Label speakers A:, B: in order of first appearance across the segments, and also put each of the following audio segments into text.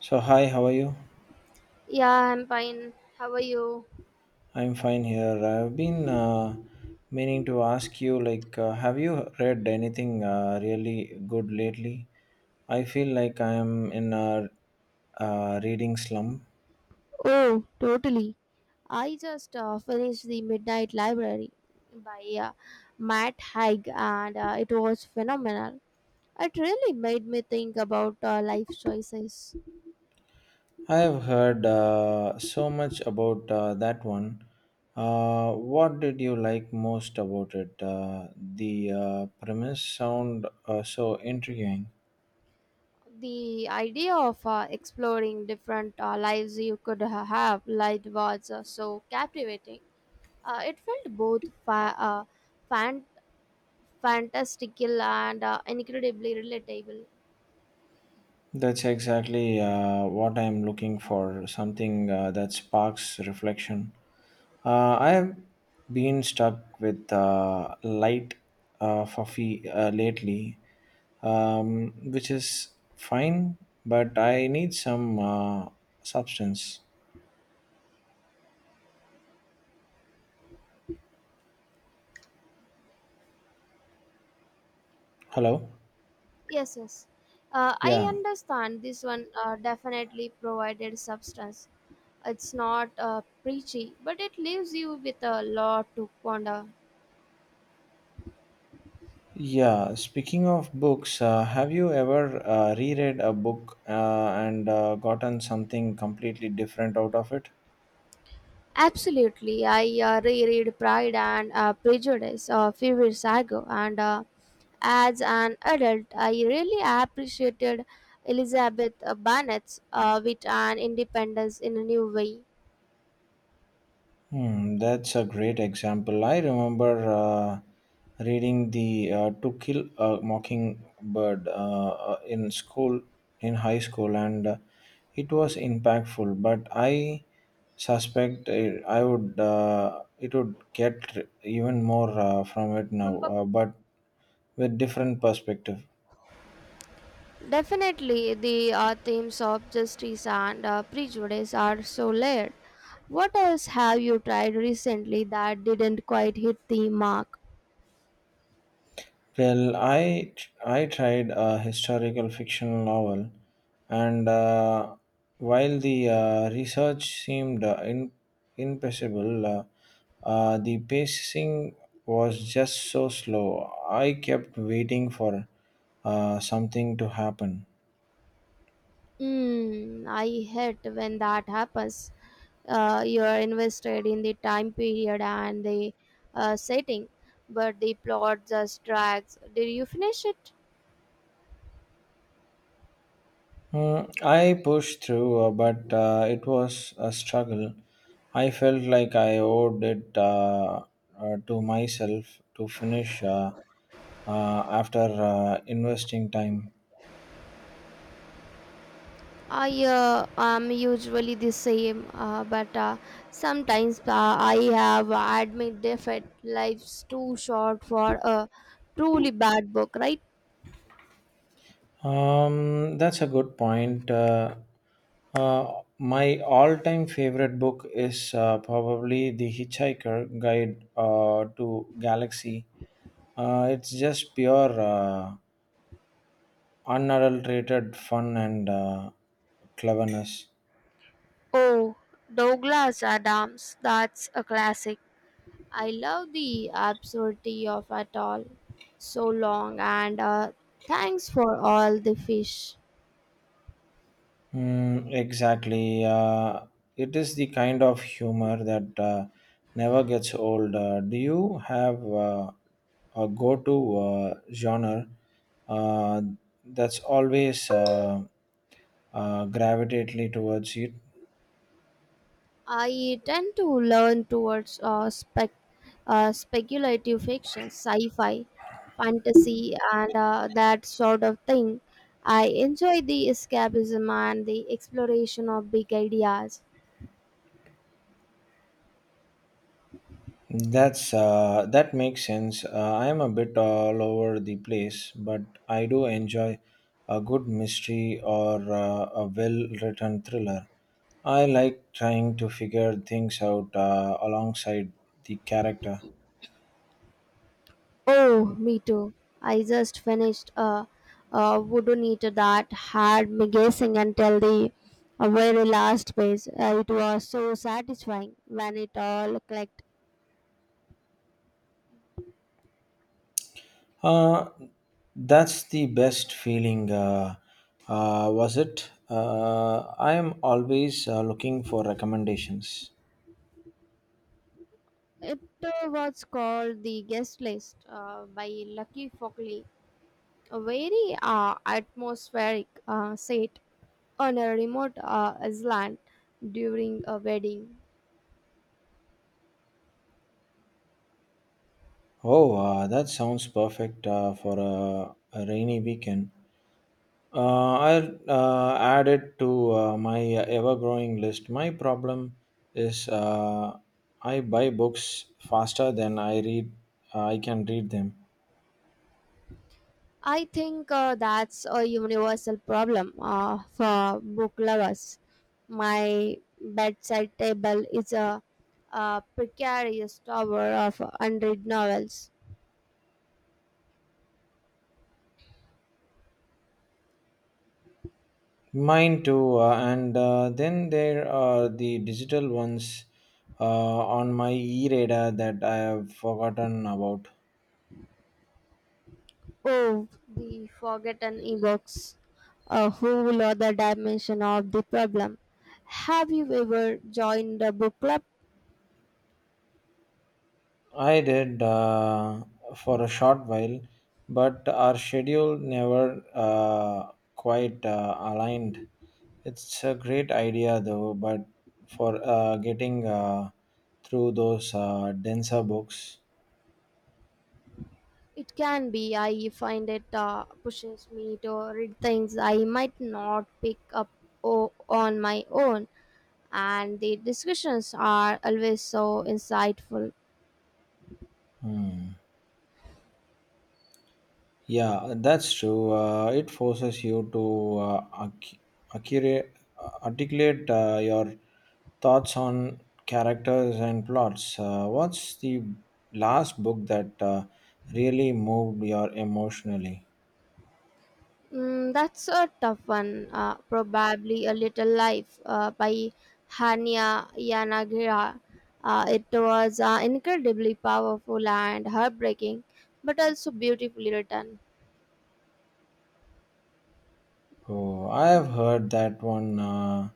A: So hi, how are you?
B: Yeah, I'm fine. How are you?
A: I'm fine here. I've been meaning to ask you, like, have you read anything really good lately? I feel like I am in a reading slump.
B: Oh, totally. I just finished The Midnight Library by Matt Haig and it was phenomenal. It really made me think about life choices.
A: I have heard so much about that one. What did you like most about it? The premise sound so intriguing.
B: The idea of exploring different lives you could have light was so captivating. It felt both fan- fantastical and incredibly relatable.
A: That's exactly what I'm looking for something that sparks reflection. I have been stuck with light fluffy lately, which is fine, but I need some substance. Hello?
B: Yes, yes. I
A: Yeah.
B: understand this one definitely provided substance. It's not preachy, but it leaves you with a lot to ponder.
A: Yeah. Speaking of books, have you ever reread a book and gotten something completely different out of it?
B: Absolutely. I reread Pride and Prejudice a few years ago, and as an adult, I really appreciated Elizabeth Bennet's wit and independence in a new way.
A: Hmm, that's a great example. I remember reading the To Kill a Mockingbird in school, in high school, and it was impactful. But I suspect it, I would it would get even more from it now, but with different perspective.
B: Definitely, the themes of justice and prejudice are so layered. What else have you tried recently that didn't quite hit the mark?
A: Well, I tried a historical fictional novel, and while the research seemed impossible, the pacing was just so slow. I kept waiting for something to happen.
B: Mm, I hate when that happens. You are invested in the time period and the setting, but the plot just drags. Did you finish it?
A: Mm, I pushed through, but it was a struggle. I felt like I owed it to myself to finish after investing time.
B: I am usually the same, but sometimes I have admit defeat. Life's too short for a truly bad book, right?
A: That's a good point. My all time favorite book is probably The Hitchhiker Guide to Galaxy. It's just pure. Unadulterated fun and cleverness.
B: Oh, Douglas Adams, that's a classic. I love the absurdity of it all. So long, and thanks for all the fish.
A: Mm, exactly. It is the kind of humor that never gets old. Do you have a go to genre uh, that's always gravitately towards it?
B: I tend to learn towards speculative fiction, sci-fi, fantasy, and that sort of thing. I enjoy the escapism and the exploration of big ideas.
A: That makes sense. I am a bit all over the place, but I do enjoy a good mystery or a well-written thriller. I like trying to figure things out alongside the character.
B: Oh, me too. I just finished a wooden eater that had me guessing until the very last page. It was so satisfying when it all clicked.
A: Uh, that's the best feeling. Was it? I am always looking for recommendations.
B: It was called The Guest List by Lucky Fockley. A very atmospheric set on a remote island during a wedding.
A: Oh, that sounds perfect for a rainy weekend. I'll add it to my ever growing list. My problem is I buy books faster than I read. I can read them.
B: I think that's a universal problem for book lovers. My bedside table is a precarious tower of unread novels.
A: Mine too. And then there are the digital ones uh, on my e reader that I have forgotten about.
B: Oh, the forgotten evokes a whole other dimension of the problem. Have you ever joined a book club?
A: I did for a short while, but our schedule never quite aligned. It's a great idea though, but for getting through those denser books.
B: It can be. I find it pushes me to read things I might not pick up on my own, and the discussions are always so insightful.
A: Hmm. Yeah, that's true. It forces you to accurate, articulate your thoughts on characters and plots. What's the last book that really moved you emotionally?
B: Mm, that's a tough one. Probably A Little Life by Hania Yanagira. It was incredibly powerful and heartbreaking, but also beautifully written.
A: Oh, I have heard that one uh,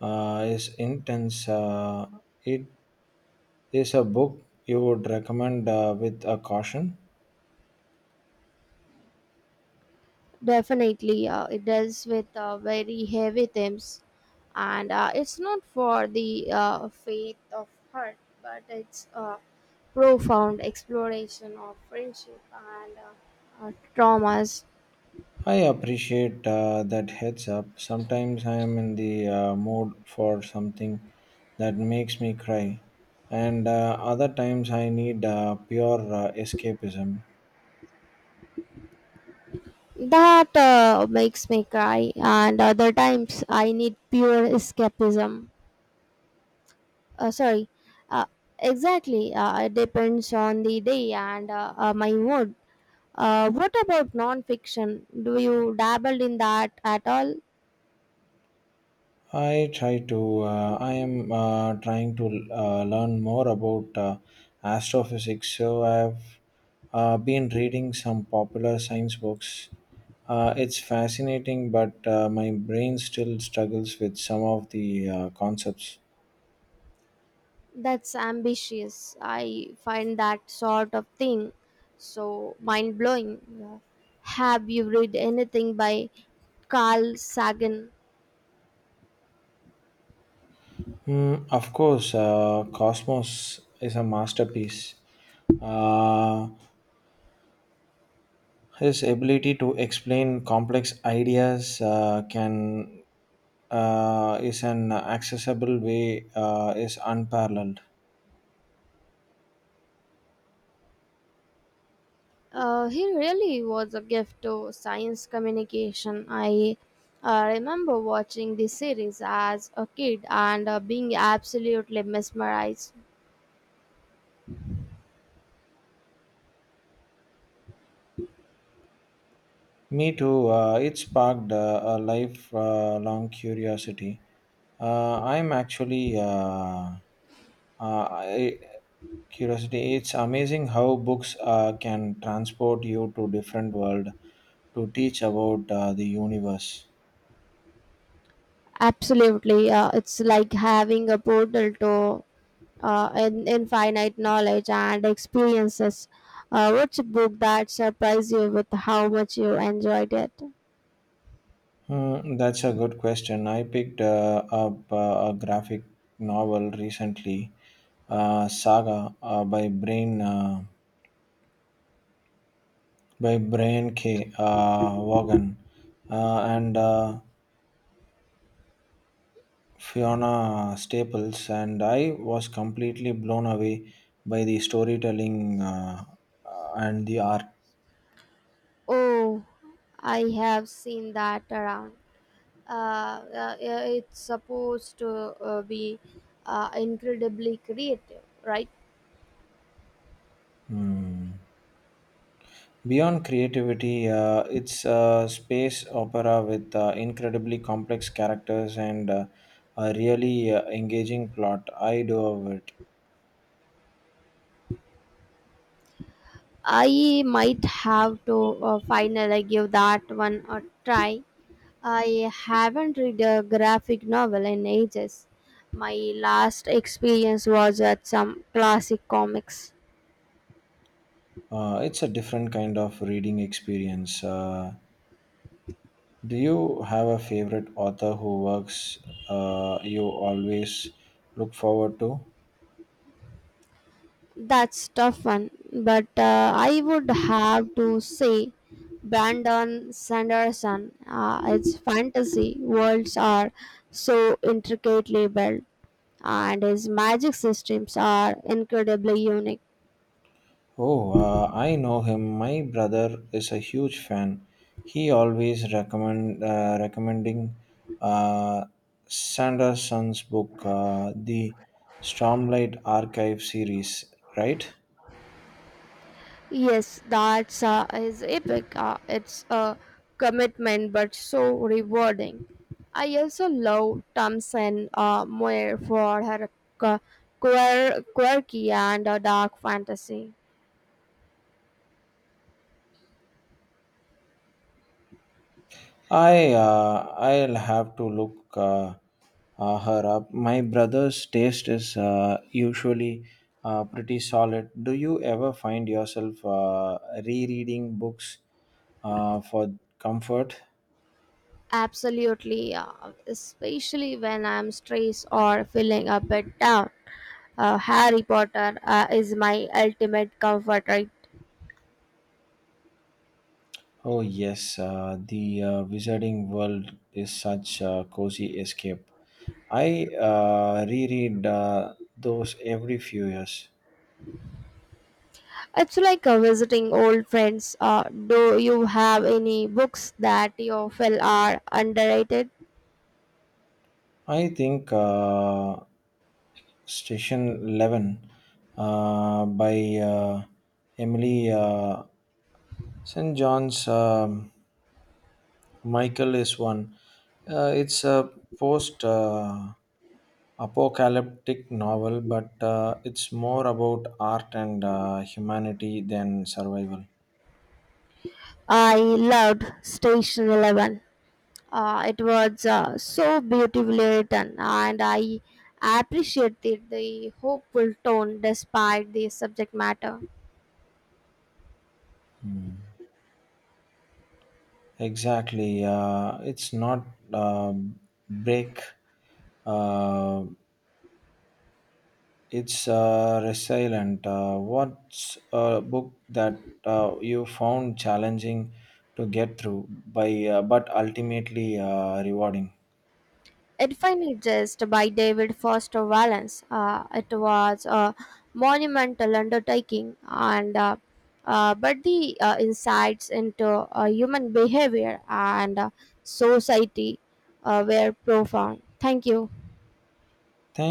A: uh, is intense. It is a book you would recommend with a caution.
B: Definitely, it deals with very heavy themes, and it's not for the faith of heart, but it's a profound exploration of friendship and traumas.
A: I appreciate that heads up. Sometimes I am in the mood for something that makes me cry, and other times I need pure escapism.
B: That makes me cry, and other times I need pure escapism. Uh, sorry, uh, exactly. It depends on the day and my mood. What about non-fiction? Do you dabble in that at all?
A: I try to. I am trying to learn more about astrophysics. So I've been reading some popular science books. It's fascinating, but my brain still struggles with some of the concepts.
B: That's ambitious. I find that sort of thing so mind-blowing. Yeah. Have you read anything by Carl Sagan?
A: Mm, of course, Cosmos is a masterpiece. Uh, His ability to explain complex ideas can is an accessible way is unparalleled.
B: He really was a gift to science communication. I remember watching this series as a kid and being absolutely mesmerized.
A: Me too. It sparked a lifelong curiosity. I'm actually uh, I, curiosity. It's amazing how books can transport you to different world to teach about the universe.
B: Absolutely, it's like having a portal to infinite knowledge and experiences. What's a book that surprised you with how much you enjoyed it?
A: Hmm, that's a good question. I picked up a graphic novel recently, Saga by Brian K. Vaughan and Fiona Staples, and I was completely blown away by the storytelling and the art.
B: Oh, I have seen that around. uh, yeah, it's supposed to be incredibly creative, right?
A: Hmm. Beyond creativity, it's a space opera with incredibly complex characters and a really engaging plot. I do love it.
B: I might have to finally give that one a try. I haven't read a graphic novel in ages. My last experience was at some classic comics.
A: It's a different kind of reading experience. Do you have a favorite author who works you always look forward to?
B: That's tough one, but I would have to say Brandon Sanderson. Its fantasy worlds are so intricately built, and his magic systems are incredibly unique.
A: Oh, I know him. My brother is a huge fan. He always recommending uh, Sanderson's book, the Stormlight Archive series. Right?
B: Yes, that's is epic. It's a commitment, but so rewarding. I also love Thompson Moore for her qu- quirky and dark fantasy.
A: I'll have to look her up. My brother's taste is usually pretty solid. Do you ever find yourself rereading books for comfort?
B: Absolutely, especially when I'm stressed or feeling a bit down. Harry Potter is my ultimate comfort, right?
A: Oh, yes, the Wizarding World is such a cozy escape. I reread those every few years.
B: It's like visiting old friends. Do you have any books that you feel are underrated?
A: I think Station 11 by Emily St. John's. Michael is one. It's a post apocalyptic novel, but it's more about art and humanity than survival.
B: I loved Station 11. It was so beautifully written, and I appreciated the hopeful tone despite the subject matter.
A: Hmm. Exactly. It's not uh, break. Uh, it's resilient. What's a book that you found challenging to get through, by but ultimately rewarding?
B: Edifying Jest by David Foster Wallace. It was a monumental undertaking, and but the insights into human behavior and society were profound. Thank you.
A: Thank